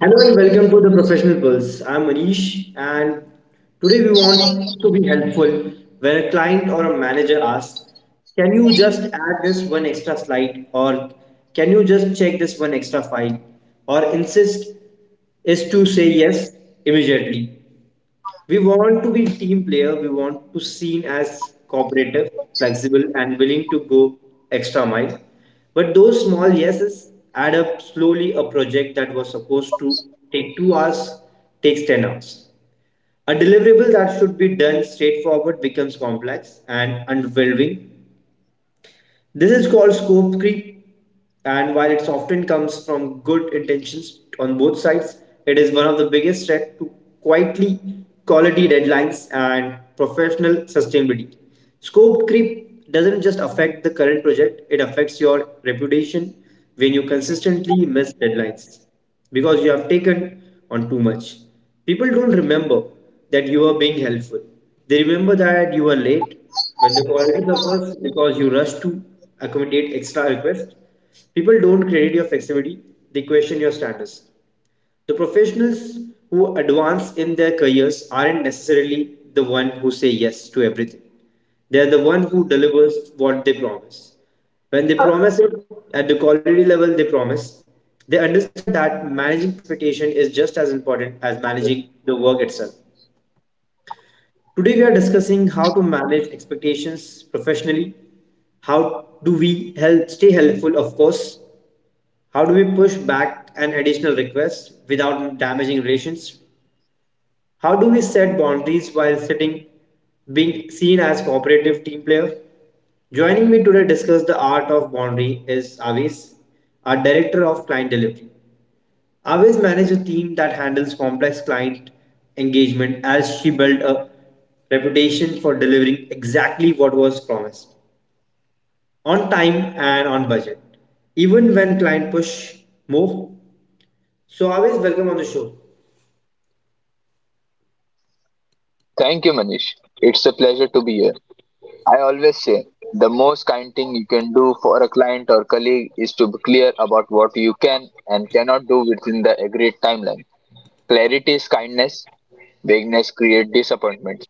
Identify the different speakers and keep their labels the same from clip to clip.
Speaker 1: Hello and welcome to the Professional Pulse. I'm Manish, and today we want to be helpful when a client or a manager asks, can you just add this one extra slide? Or can you just check this one extra file? Or insist is to say yes immediately. We want to be team player. We want to seen as cooperative, flexible, and willing to go extra mile. But those small yeses add up slowly. A project that was supposed to take 2 hours takes 10 hours. A deliverable that should be done straightforward becomes complex and unwhelming, this is called scope creep, and while it often comes from good intentions on both sides, it is one of the biggest threats to quietly quality deadlines and professional sustainability. Scope creep doesn't just affect the current project, it affects your reputation when you consistently miss deadlines because you have taken on too much. People don't remember that you are being helpful. They remember that you are late when the quality suffers because you rush to accommodate extra requests. People don't credit your flexibility, they question your status. The professionals who advance in their careers aren't necessarily the one who say yes to everything. They're the one who delivers what they promise. When they promise it at the quality level they promise, they understand that managing expectation is just as important as managing the work itself. Today we are discussing how to manage expectations professionally, how do we help stay helpful of course, how do we push back an additional request without damaging relations? How do we set boundaries while sitting being seen as cooperative team player? Joining me today to discuss the art of boundary is Avis, our director of client delivery. Avis manages a team that handles complex client engagement as she built a reputation for delivering exactly what was promised on time and on budget, even when client push more. So Avis, welcome on the show.
Speaker 2: Thank you, Manish. It's a pleasure to be here. I always say the most kind thing you can do for a client or colleague is to be clear about what you can and cannot do within the agreed timeline. Clarity is kindness, vagueness creates disappointment.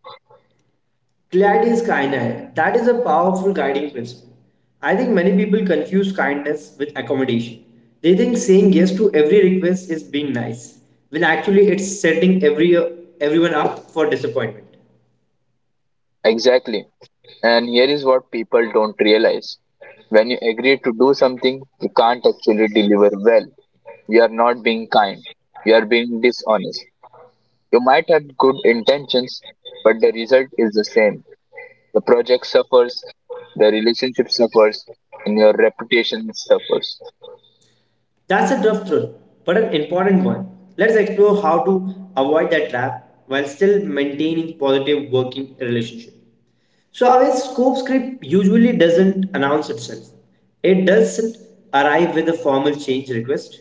Speaker 1: Gladys kinda hai. That is a powerful guiding principle. I think many people confuse kindness with accommodation. They think saying yes to every request is being nice, when actually it's setting everyone up for disappointment.
Speaker 2: Exactly. And here is what people don't realize. When you agree to do something, you can't actually deliver well. You are not being kind. You are being dishonest. You might have good intentions, but the result is the same. The project suffers, the relationship suffers, and your reputation suffers.
Speaker 1: That's a tough truth, but an important one. Let's explore how to avoid that trap while still maintaining positive working relationships. So our scope script usually doesn't announce itself. It doesn't arrive with a formal change request.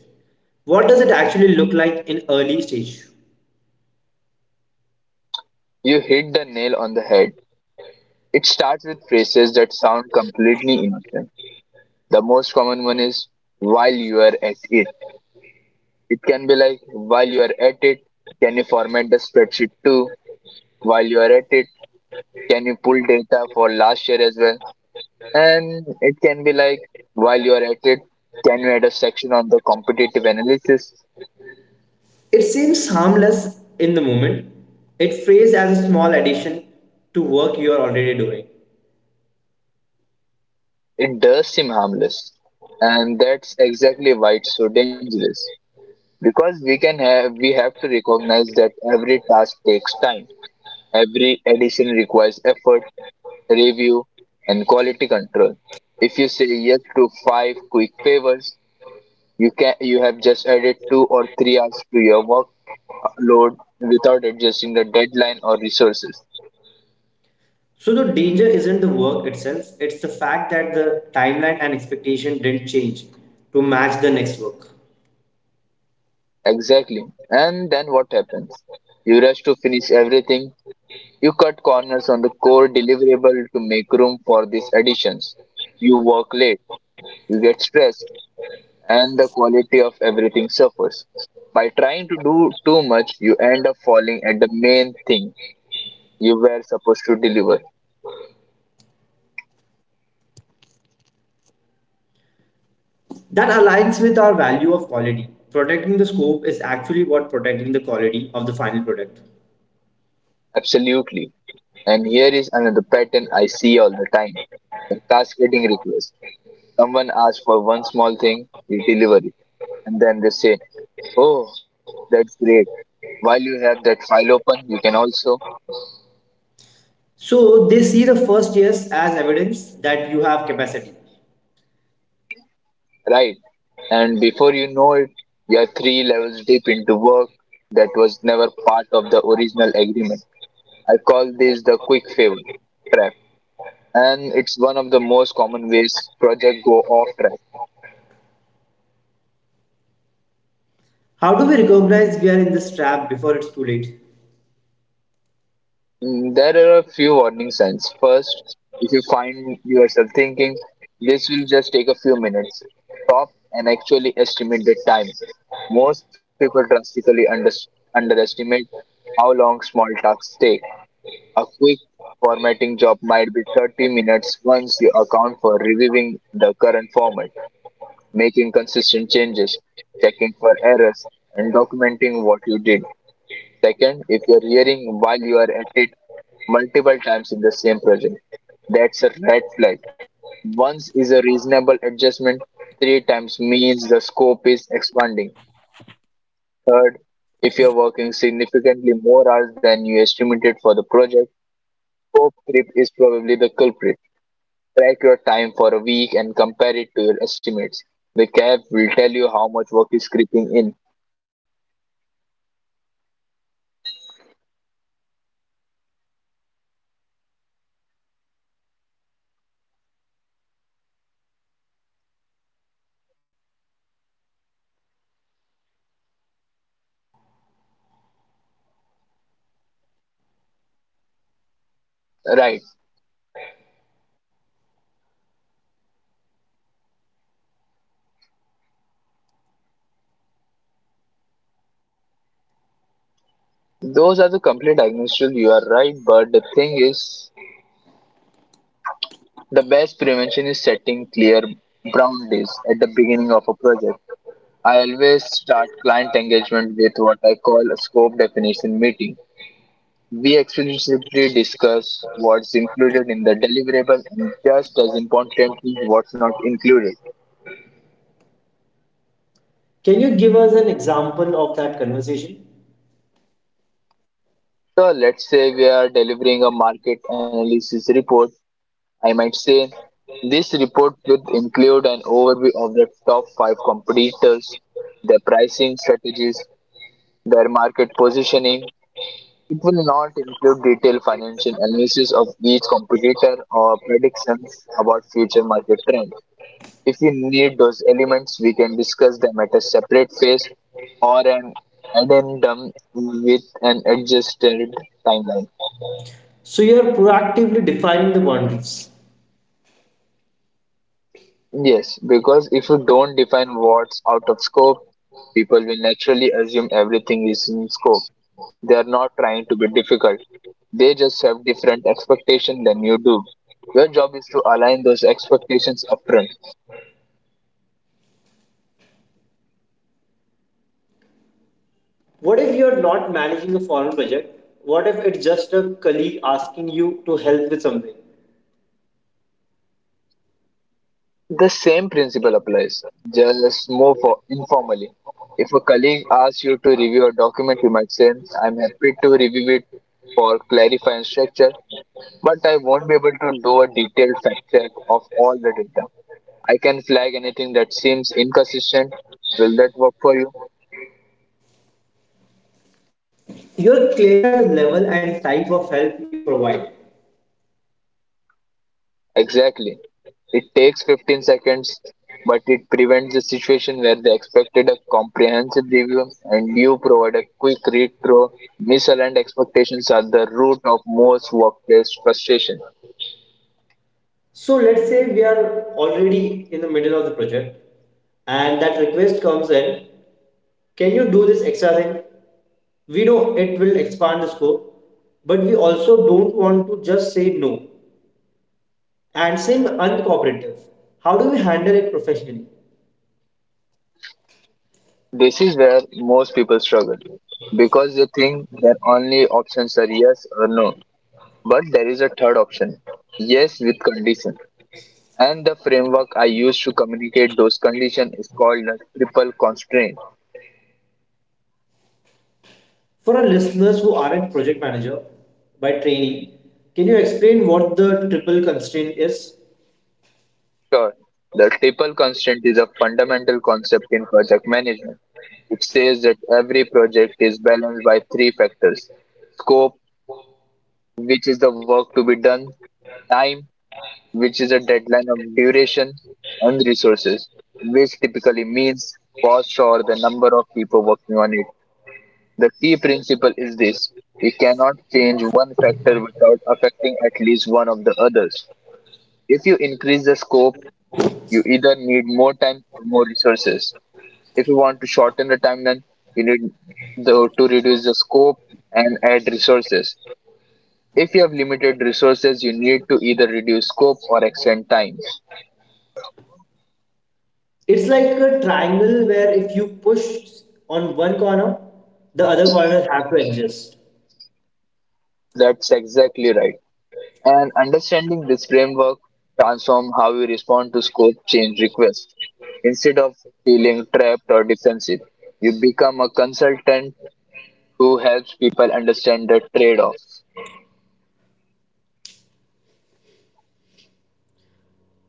Speaker 1: What does it actually look like in early stage?
Speaker 2: You hit the nail on the head. It starts with phrases that sound completely innocent. The most common one is while you are at it. It can be like, while you are at it, can you format the spreadsheet too? While you are at it, can you pull data for last year as well? And it can be like, while you are at it, can you add a section on the competitive analysis?
Speaker 1: It seems harmless in the moment. It phrased as a small addition to work you are already doing.
Speaker 2: It does seem harmless, and that's exactly why it's so dangerous. Because we have to recognize that every task takes time, every addition requires effort, review, and quality control. If you say yes to five quick favors, you have just added 2 or 3 hours to your workload without adjusting the deadline or resources.
Speaker 1: So the danger isn't the work itself, it's the fact that the timeline and expectation didn't change to match the next work.
Speaker 2: Exactly. And then what happens? You rush to finish everything. You cut corners on the core deliverable to make room for these additions. You work late, you get stressed, and the quality of everything suffers. By trying to do too much, you end up falling at the main thing you were supposed to deliver.
Speaker 1: That aligns with our value of quality. Protecting the scope is actually what protecting the quality of the final product.
Speaker 2: Absolutely. And here is another pattern I see all the time: the cascading request. Someone asks for one small thing, you deliver it. And then they say, "Oh, that's great. While you have that file open, you can also."
Speaker 1: So they see the first years as evidence that you have capacity.
Speaker 2: Right? And before you know it, you're three levels deep into work that was never part of the original agreement. I call this the quick favor trap, and it's one of the most common ways projects go off track.
Speaker 1: How do we recognize we are in this trap before it's too late?
Speaker 2: There are a few warning signs. First, if you find yourself thinking this will just take a few minutes, stop and actually estimate the time. Most people drastically underestimate how long small tasks take. A quick formatting job might be 30 minutes once you account for reviewing the current format, making consistent changes, checking for errors, and documenting what you did. Second, if you're hearing while you are at it multiple times in the same project, that's a red flag. Once is a reasonable adjustment, three times means the scope is expanding. Third, if you're working significantly more hours than you estimated for the project, scope creep is probably the culprit. Track your time for a week and compare it to your estimates. The CAP will tell you how much work is creeping in. Right. Those are the complete diagnosis. You are right, but the thing is, the best prevention is setting clear boundaries at the beginning of a project. I always start client engagement with what I call a scope definition meeting. We explicitly discuss what's included in the deliverable and, just as importantly, what's not included.
Speaker 1: Can you give us an example of that conversation?
Speaker 2: So let's say we are delivering a market analysis report. I might say this report will include an overview of the top five competitors, their pricing strategies, their market positioning. It will not include detailed financial analysis of each competitor or predictions about future market trends. If we need those elements, we can discuss them at a separate phase or an addendum with an adjusted timeline.
Speaker 1: So you're proactively defining the boundaries.
Speaker 2: Yes, because if you don't define what's out of scope, people will naturally assume everything is in scope. They are not trying to be difficult. They just have different expectations than you do. Your job is to align those expectations upfront.
Speaker 1: What if you're not managing a formal project? What if it's just a colleague asking you to help with something?
Speaker 2: The same principle applies, just more for informally. If a colleague asks you to review a document, you might say, "I'm happy to review it for clarifying structure, but I won't be able to do a detailed fact check of all the data. I can flag anything that seems inconsistent. Will that work for you?"
Speaker 1: You're clarifying the level and type of help you provide.
Speaker 2: Exactly. It takes 15 seconds, but it prevents the situation where they expected a comprehensive review and you provide a quick read through. Misaligned expectations are the root of most workplace frustration.
Speaker 1: So let's say we are already in the middle of the project and that request comes in. Can you do this extra thing? We know it will expand the scope but we also don't want to just say no and saying uncooperative. How do we handle it professionally?
Speaker 2: This is where most people struggle because they think their only options are yes or no. But there is a third option: yes with condition. And the framework I use to communicate those conditions is called the triple constraint.
Speaker 1: For our listeners who aren't project manager by training, can you explain what the triple constraint is?
Speaker 2: Sure, the triple constraint is a fundamental concept in project management. It says that every project is balanced by three factors: scope, which is the work to be done, time, which is a deadline of duration, and resources, which typically means cost or the number of people working on it. The key principle is this: you cannot change one factor without affecting at least one of the others. If you increase the scope, you either need more time or more resources. If you want to shorten the timeline, you need to reduce the scope and add resources. If you have limited resources, you need to either reduce scope or extend time.
Speaker 1: It's like a triangle where if you push on one corner, the other corner have to adjust.
Speaker 2: That's exactly right. And understanding this framework transforms how we respond to scope change requests. Instead of feeling trapped or defensive, you become a consultant who helps people understand the trade offs.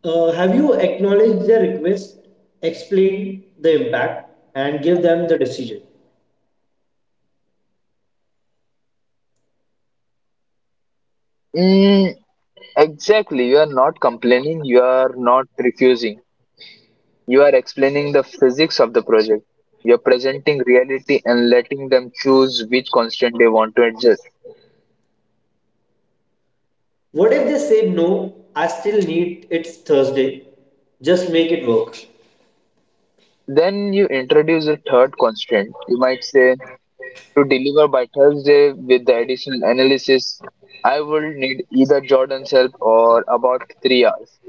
Speaker 1: Have you acknowledged their request, explained the impact, and give them the decision?
Speaker 2: Mm, exactly. You are not complaining, you are not refusing. You are explaining the physics of the project. You are presenting reality and letting them choose which constraint they want to adjust.
Speaker 1: What if they say no? I still need it's Thursday. Just make it work.
Speaker 2: Then you introduce a third constraint. You might say, to deliver by Thursday with the additional analysis, I will need either Jordan's help or about 3 hours.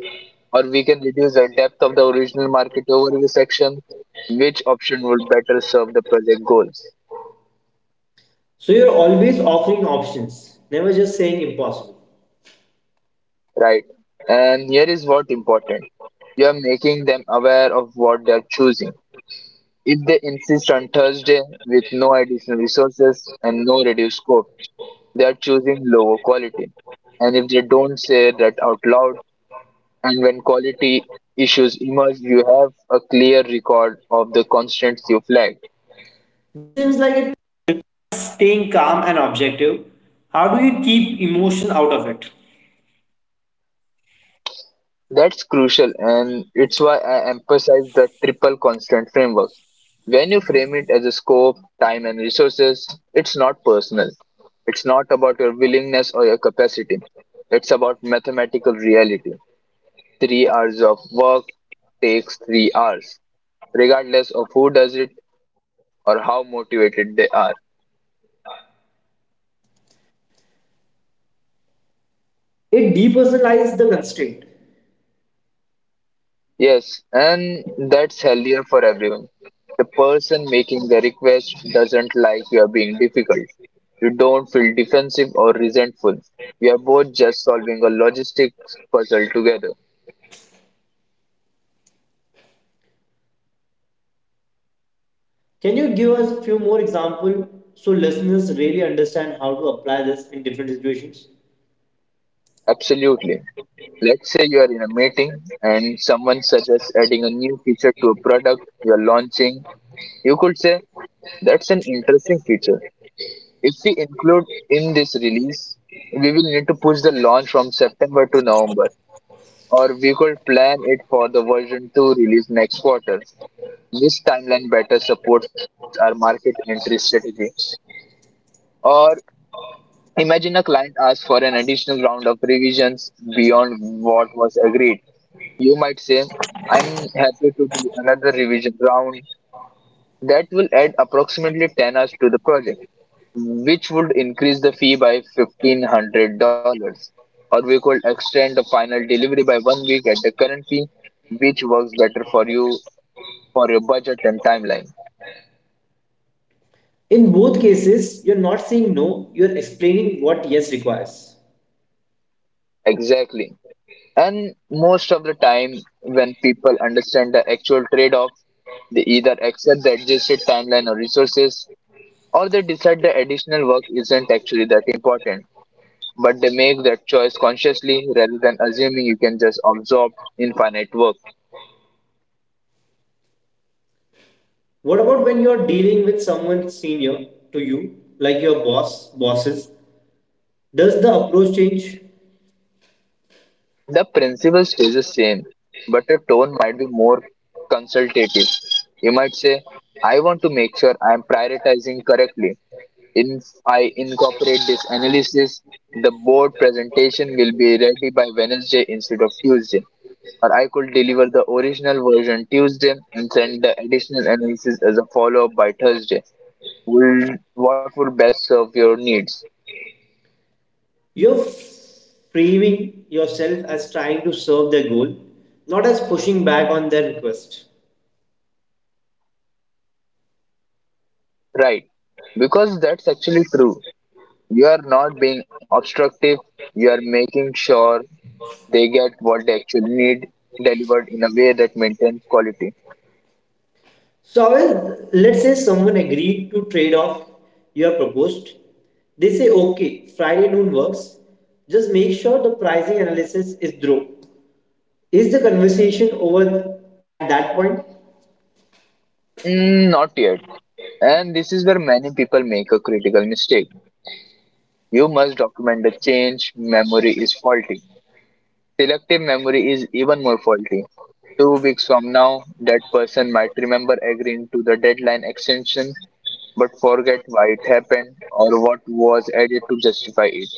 Speaker 2: Or we can reduce the depth of the original market overview section. Which option would better serve the project goals?
Speaker 1: So you're always offering options, never just saying impossible.
Speaker 2: Right. And here is what important. You are making them aware of what they are choosing. If they insist on Thursday with no additional resources and no reduced scope, they are choosing lower quality. And if they don't say that out loud, and when quality issues emerge, you have a clear record of the constants you flagged.
Speaker 1: This seems like,
Speaker 2: That's crucial, and it's why I emphasize the triple constant framework. When you frame it as a scope, time, and resources, it's not personal. It's not about your willingness or your capacity. It's about mathematical reality. 3 hours of work takes 3 hours, regardless of who does it or how motivated they are.
Speaker 1: it depersonalized the constraint.
Speaker 2: Yes, and that's healthier for everyone. The person making the request doesn't like you are being difficult. You don't feel defensive or resentful. You are both just solving a logistics puzzle together.
Speaker 1: Can you give us a few more examples so listeners really understand how to apply this in different situations?
Speaker 2: Absolutely. Let's say you are in a meeting and someone suggests adding a new feature to a product you are launching. You could say, "That's an interesting feature. If we include in this release, we will need to push the launch from September to November, or we could plan it for the version 2 release next quarter. This timeline better supports our market entry strategy." Or imagine a client asks for an additional round of revisions beyond what was agreed. You might say, "I'm happy to do another revision round. That will add approximately 10 hours to the project, which would increase the fee by $1,500. Or we could extend the final delivery by one week at the current fee, which works better for you, for your budget and timeline."
Speaker 1: In both cases, you're not saying no, you're explaining what yes requires.
Speaker 2: Exactly. And most of the time, when people understand the actual trade off, they either accept the adjusted timeline or resources, or they decide the additional work isn't actually that important. But they make that choice consciously rather than assuming you can just absorb infinite work.
Speaker 1: What about when you're dealing with someone senior to you, like your boss, bosses? Does the approach change?
Speaker 2: The principle stays the same, but the tone might be more consultative. You might say, "I want to make sure I am prioritizing correctly. If I incorporate this analysis, the board presentation will be ready by Wednesday instead of Tuesday. Or I could deliver the original version Tuesday and send the additional analysis as a follow-up by Thursday. Will what would best serve your needs?"
Speaker 1: You're framing yourself as trying to serve their goal, not as pushing back on their request.
Speaker 2: Right. Because that's actually true. You are not being obstructive, you are making sure they get what they actually need delivered in a way that maintains quality.
Speaker 1: So, well, let's say someone agreed to trade off your proposed. They say, okay, Friday noon works. Just make sure the pricing analysis is through. Is the conversation over at that point?
Speaker 2: Not yet. And this is where many people make a critical mistake. You must document the change. Memory is faulty. Selective memory is even more faulty. 2 weeks from now, that person might remember agreeing to the deadline extension but forget why it happened or what was added to justify it.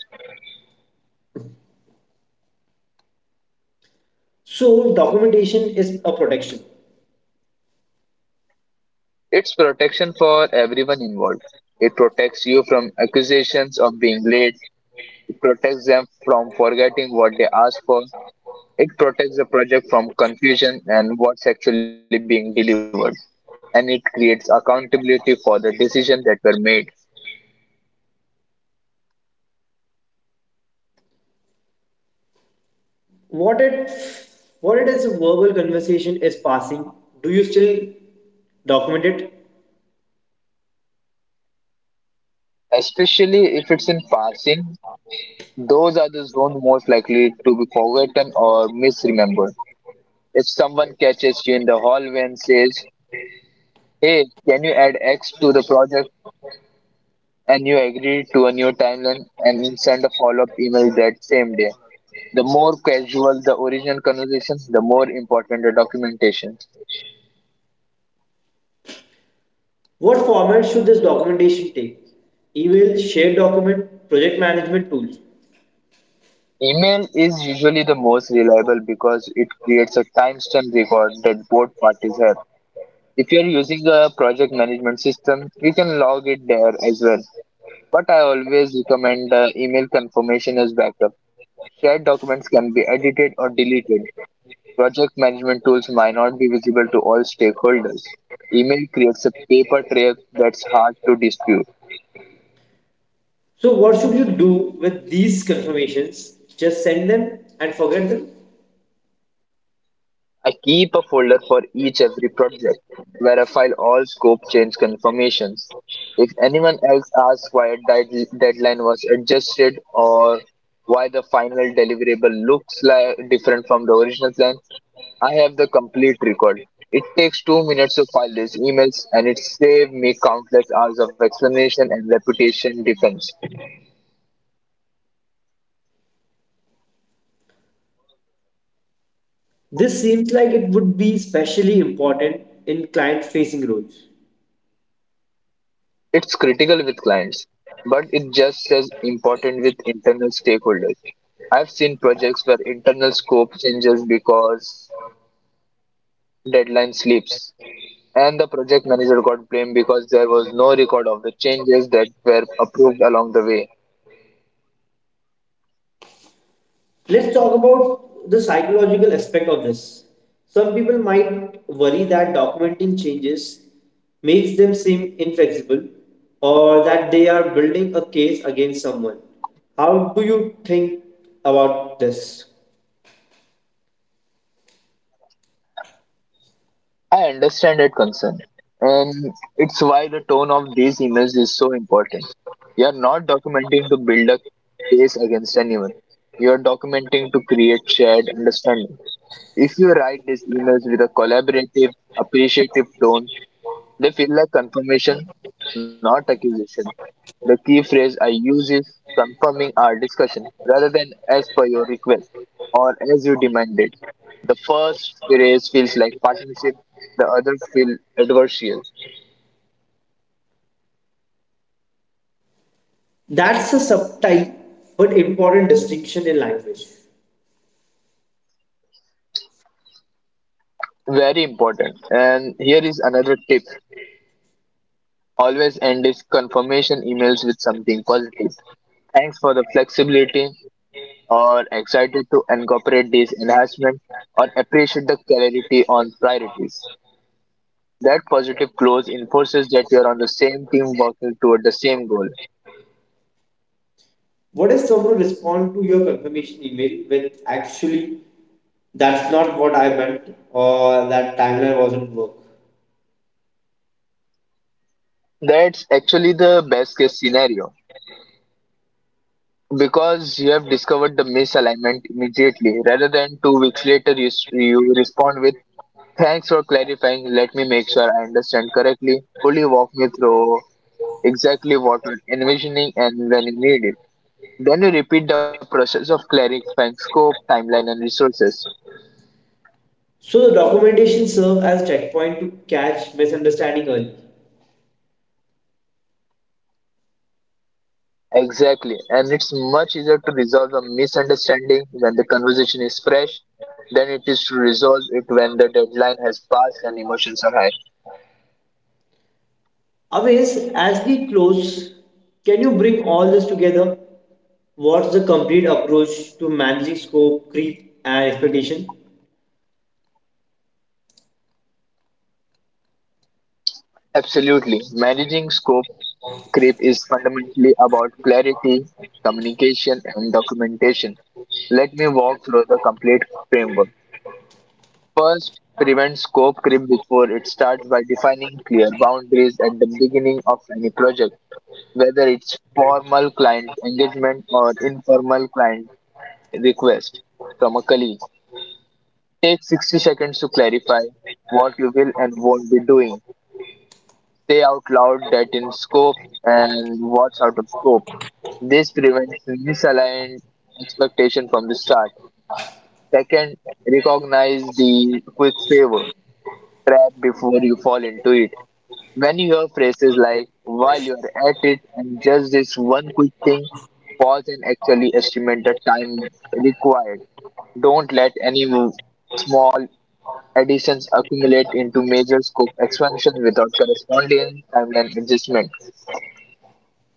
Speaker 1: So, documentation is a protection.
Speaker 2: It's protection for everyone involved. It protects you from accusations of being late. It protects them from forgetting what they asked for. It protects the project from confusion and what's actually being delivered, and it creates accountability for the decisions that were made.
Speaker 1: What it, what it is a verbal conversation is passing? Do you still document it?
Speaker 2: Especially if it's in passing, those are the zones most likely to be forgotten or misremembered. If someone catches you in the hallway and says, "Hey, can you add X to the project?" and you agree to a new timeline and send a follow up email that same day, the more casual the original conversation, the more important the documentation.
Speaker 1: What format should this documentation take? Email, shared document, project management tools.
Speaker 2: Email is usually the most reliable because it creates a timestamp record that both parties have. If you're using a project management system, you can log it there as well. But I always recommend email confirmation as backup. Shared documents can be edited or deleted. Project management tools might not be visible to all stakeholders. Email creates a paper trail that's hard to dispute.
Speaker 1: So, what should you do with these confirmations? Just send them and forget them?
Speaker 2: I keep a folder for each every project where I file all scope change confirmations. If anyone else asks why a deadline was adjusted or why the final deliverable looks like different from the original plan, I have the complete record. It takes two minutes to file these emails and it saved me countless hours of explanation and reputation defense.
Speaker 1: This seems like it would be especially important in client facing roles.
Speaker 2: It's critical with clients, but it's just as important with internal stakeholders. I've seen projects where internal scope changes because deadline slips, and the project manager got blamed because there was no record of the changes that were approved along the way.
Speaker 1: Let's talk about the psychological aspect of this. Some people might worry that documenting changes makes them seem inflexible or that they are building a case against someone. How do you think about this?
Speaker 2: I understand that concern, and it's why the tone of these emails is so important. You're not documenting to build a case against anyone. You're documenting to create shared understanding. If you write these emails with a collaborative, appreciative tone, they feel like confirmation, not accusation. The key phrase I use is "confirming our discussion" rather than "as per your request" or "as you demanded." The first phrase feels like partnership, the other feel adversarial.
Speaker 1: That's a subtle but important distinction in language.
Speaker 2: Very important. And here is another tip. Always end this confirmation emails with something positive. "Thanks for the flexibility" or "excited to incorporate this enhancement" or "appreciate the clarity on priorities." That positive close enforces that you're on the same team working toward the same goal.
Speaker 1: What if someone respond to your confirmation email with actually that's not what I meant or that timeline wasn't work?
Speaker 2: That's actually the best case scenario because you have discovered the misalignment immediately rather than two weeks later. You respond with, "thanks for clarifying, let me make sure I understand correctly. Could you walk me through exactly what we're envisioning and when you need it?" Then you repeat the process of clarifying scope, timeline and resources.
Speaker 1: So the documentation serve as checkpoint to catch misunderstanding early.
Speaker 2: Exactly, and it's much easier to resolve a misunderstanding when the conversation is fresh than it is to resolve it when the deadline has passed and emotions are high.
Speaker 1: Always, as we close, can you bring all this together? What's the complete approach to managing scope, creep, and expectation?
Speaker 2: Absolutely, managing scope creep is fundamentally about clarity, communication, and documentation. Let me walk through the complete framework. First, prevent scope creep before it starts by defining clear boundaries at the beginning of any project, whether it's formal client engagement or informal client request from a colleague. Take 60 seconds to clarify what you will and won't be doing. Say out loud that in scope and what's out of scope. This prevents misaligned expectation from the start. Second, recognize the quick favor trap before you fall into it. When you hear phrases like "while you are at it" and "just this one quick thing," pause and actually estimate the time required. Don't let any mo- Small additions accumulate into major scope expansion without corresponding timeline adjustment.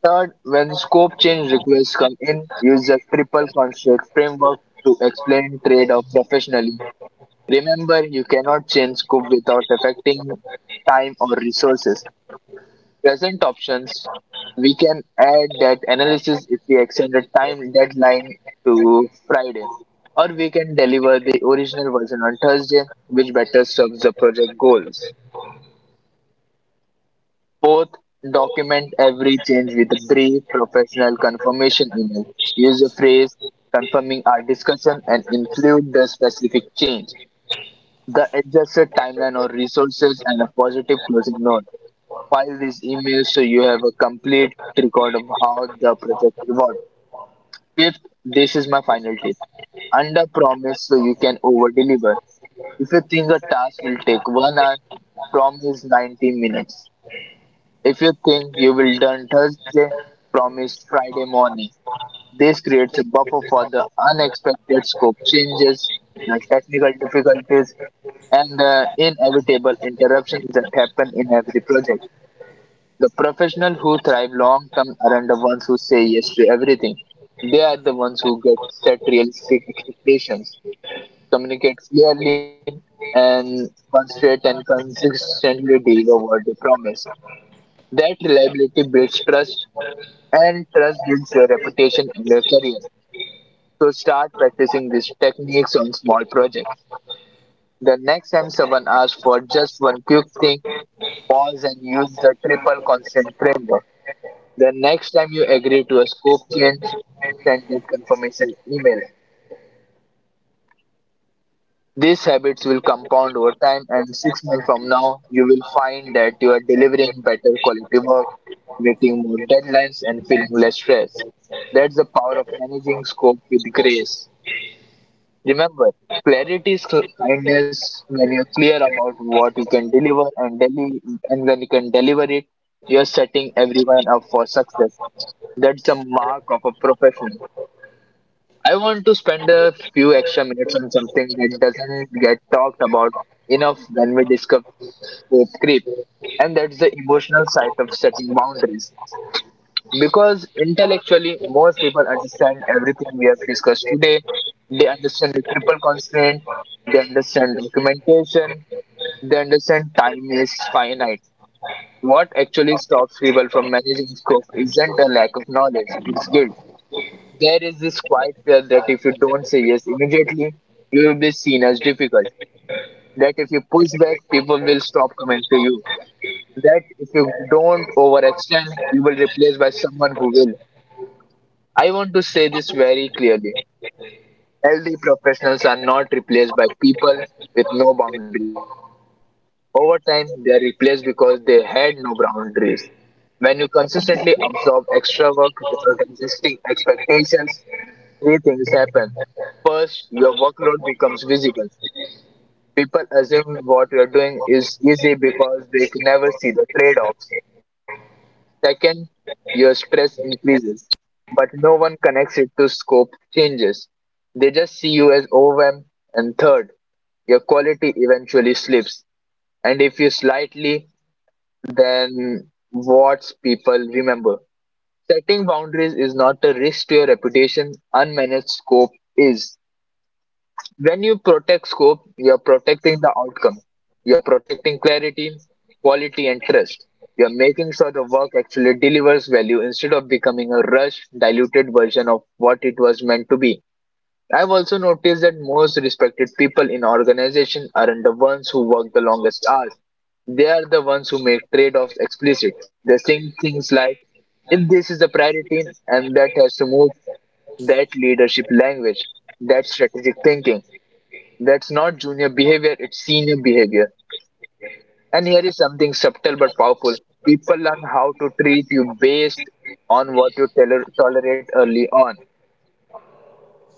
Speaker 2: Third, when scope change requests come in, use the triple constraint framework to explain trade-off professionally. Remember, you cannot change scope without affecting time or resources. Present options, "we can add that analysis if we extend the time deadline to Friday. Or we can deliver the original version on Thursday, which better serves the project goals." Fourth, document every change with a brief professional confirmation email. Use a phrase "confirming our discussion" and include the specific change, the adjusted timeline or resources, and a positive closing note. File these emails so you have a complete record of how the project evolved. Fifth, this is my final tip. Under promise so you can over deliver. If you think a task will take one hour, promise 90 minutes. If you think you will done Thursday, promise Friday morning. This creates a buffer for the unexpected scope changes, the technical difficulties, and the inevitable interruptions that happen in every project. The professional who thrive long term aren't the ones who say yes to everything. They are the ones who get set realistic expectations, communicate clearly, and concentrate and consistently deliver what they promise. That reliability builds trust, and trust builds your reputation and your career. So start practicing these techniques on small projects. The next time someone asks for just one quick thing, pause and use the triple consent framework. The next time you agree to a scope change, send it confirmation email. These habits will compound over time, and six months from now, you will find that you are delivering better quality work, meeting more deadlines, and feeling less stress. That's the power of managing scope with grace. Remember, kindness when You're clear about what you can deliver and and when you can deliver it, you're setting everyone up for success. That's the mark of a professional. I want to spend a few extra minutes on something that doesn't get talked about enough when we discuss scope creep, and that's the emotional side of setting boundaries. Because intellectually, most people understand everything we have discussed today. They understand the triple constraint, they understand documentation, they understand time is finite. What actually stops people from managing scope isn't a lack of knowledge, it's guilt. There is this quiet fear that if you don't say yes immediately, you will be seen as difficult. That if you push back, people will stop coming to you. That if you don't overextend, you will replace by someone who will. I want to say this very clearly. Healthy professionals are not replaced by people with no boundaries. Over time, they are replaced because they had no boundaries. When you consistently absorb extra work without existing expectations, three things happen. First, your workload becomes visible. People assume what you're doing is easy because they can never see the trade offs. Second, your stress increases, but no one connects it to scope changes. They just see you as overwhelmed. And third, your quality eventually slips. And if you slightly, then what people remember. Setting boundaries is not a risk to your reputation, unmanaged scope is. When you protect scope, you're protecting the outcome, you're protecting clarity, quality and trust. You're making sure the work actually delivers value instead of becoming a rushed diluted version of what it was meant to be. I've also noticed that most respected people in organization aren't the ones who work the longest hours, they are the ones who make trade-offs explicit. They think things like, "if this is a priority and that has to move." That leadership language, that strategic thinking, that's not junior behavior, it's senior behavior. And here is something subtle but powerful. People learn how to treat you based on what you tolerate early on.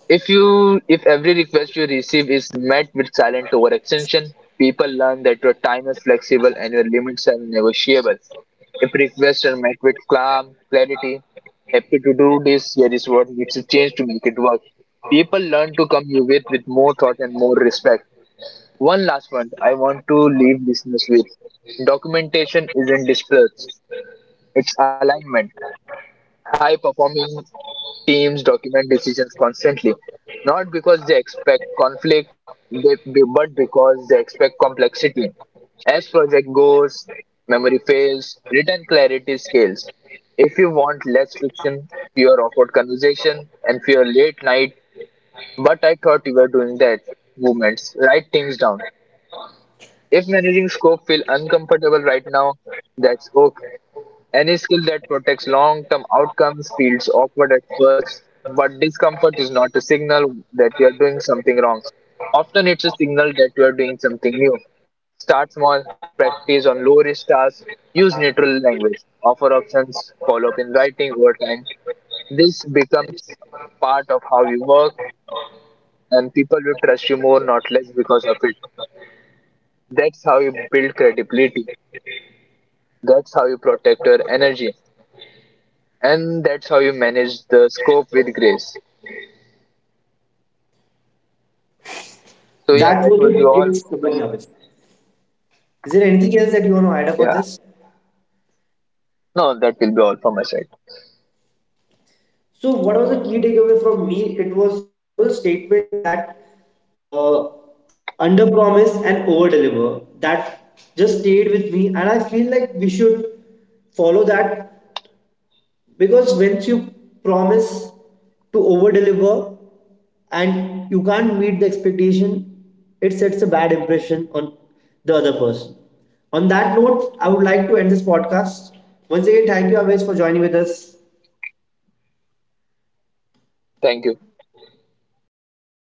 Speaker 2: If every request you receive is met with silent overextension, people learn that your time is flexible and your limits are negotiable. If requests are met with calm, clarity, "happy to do this, here is what needs to change to make it work." People learn to come you with more thought and more respect. One last one I want to leave listeners with. Documentation isn't dispersed, it's alignment. High performing teams document decisions constantly, not because they expect conflict, but because they expect complexity. As project goes, memory fails, written clarity scales. If you want less friction, fewer awkward conversation, and fewer late night, "but I thought you were doing that," movements, write things down. If managing scope feel uncomfortable right now, that's okay. Any skill that protects long-term outcomes feels awkward at first, but discomfort is not a signal that you are doing something wrong. Often it's a signal that you are doing something new. Start small, practice on low-risk tasks, use neutral language, offer options, follow up in writing over time. This becomes part of how you work, and people will trust you more, not less, because of it. That's how you build credibility. That's how you protect your energy, and that's how you manage the scope with grace. So yeah,
Speaker 1: That
Speaker 2: that
Speaker 1: was
Speaker 2: will be
Speaker 1: a great
Speaker 2: all from my
Speaker 1: summary of
Speaker 2: side.
Speaker 1: it. Is there anything else that you want to add
Speaker 2: Yeah,
Speaker 1: up on this?
Speaker 2: no, that will be all from my side.
Speaker 1: So, what was the key takeaway from me? It was there was a statement that uh, under promise and over deliver that just stayed with me, and I feel like we should follow that because once you promise to over deliver and you can't meet the expectation, it sets a bad impression on the other person. On that note, I would like to end this podcast. Once again thank you always for joining with us.
Speaker 2: Thank you.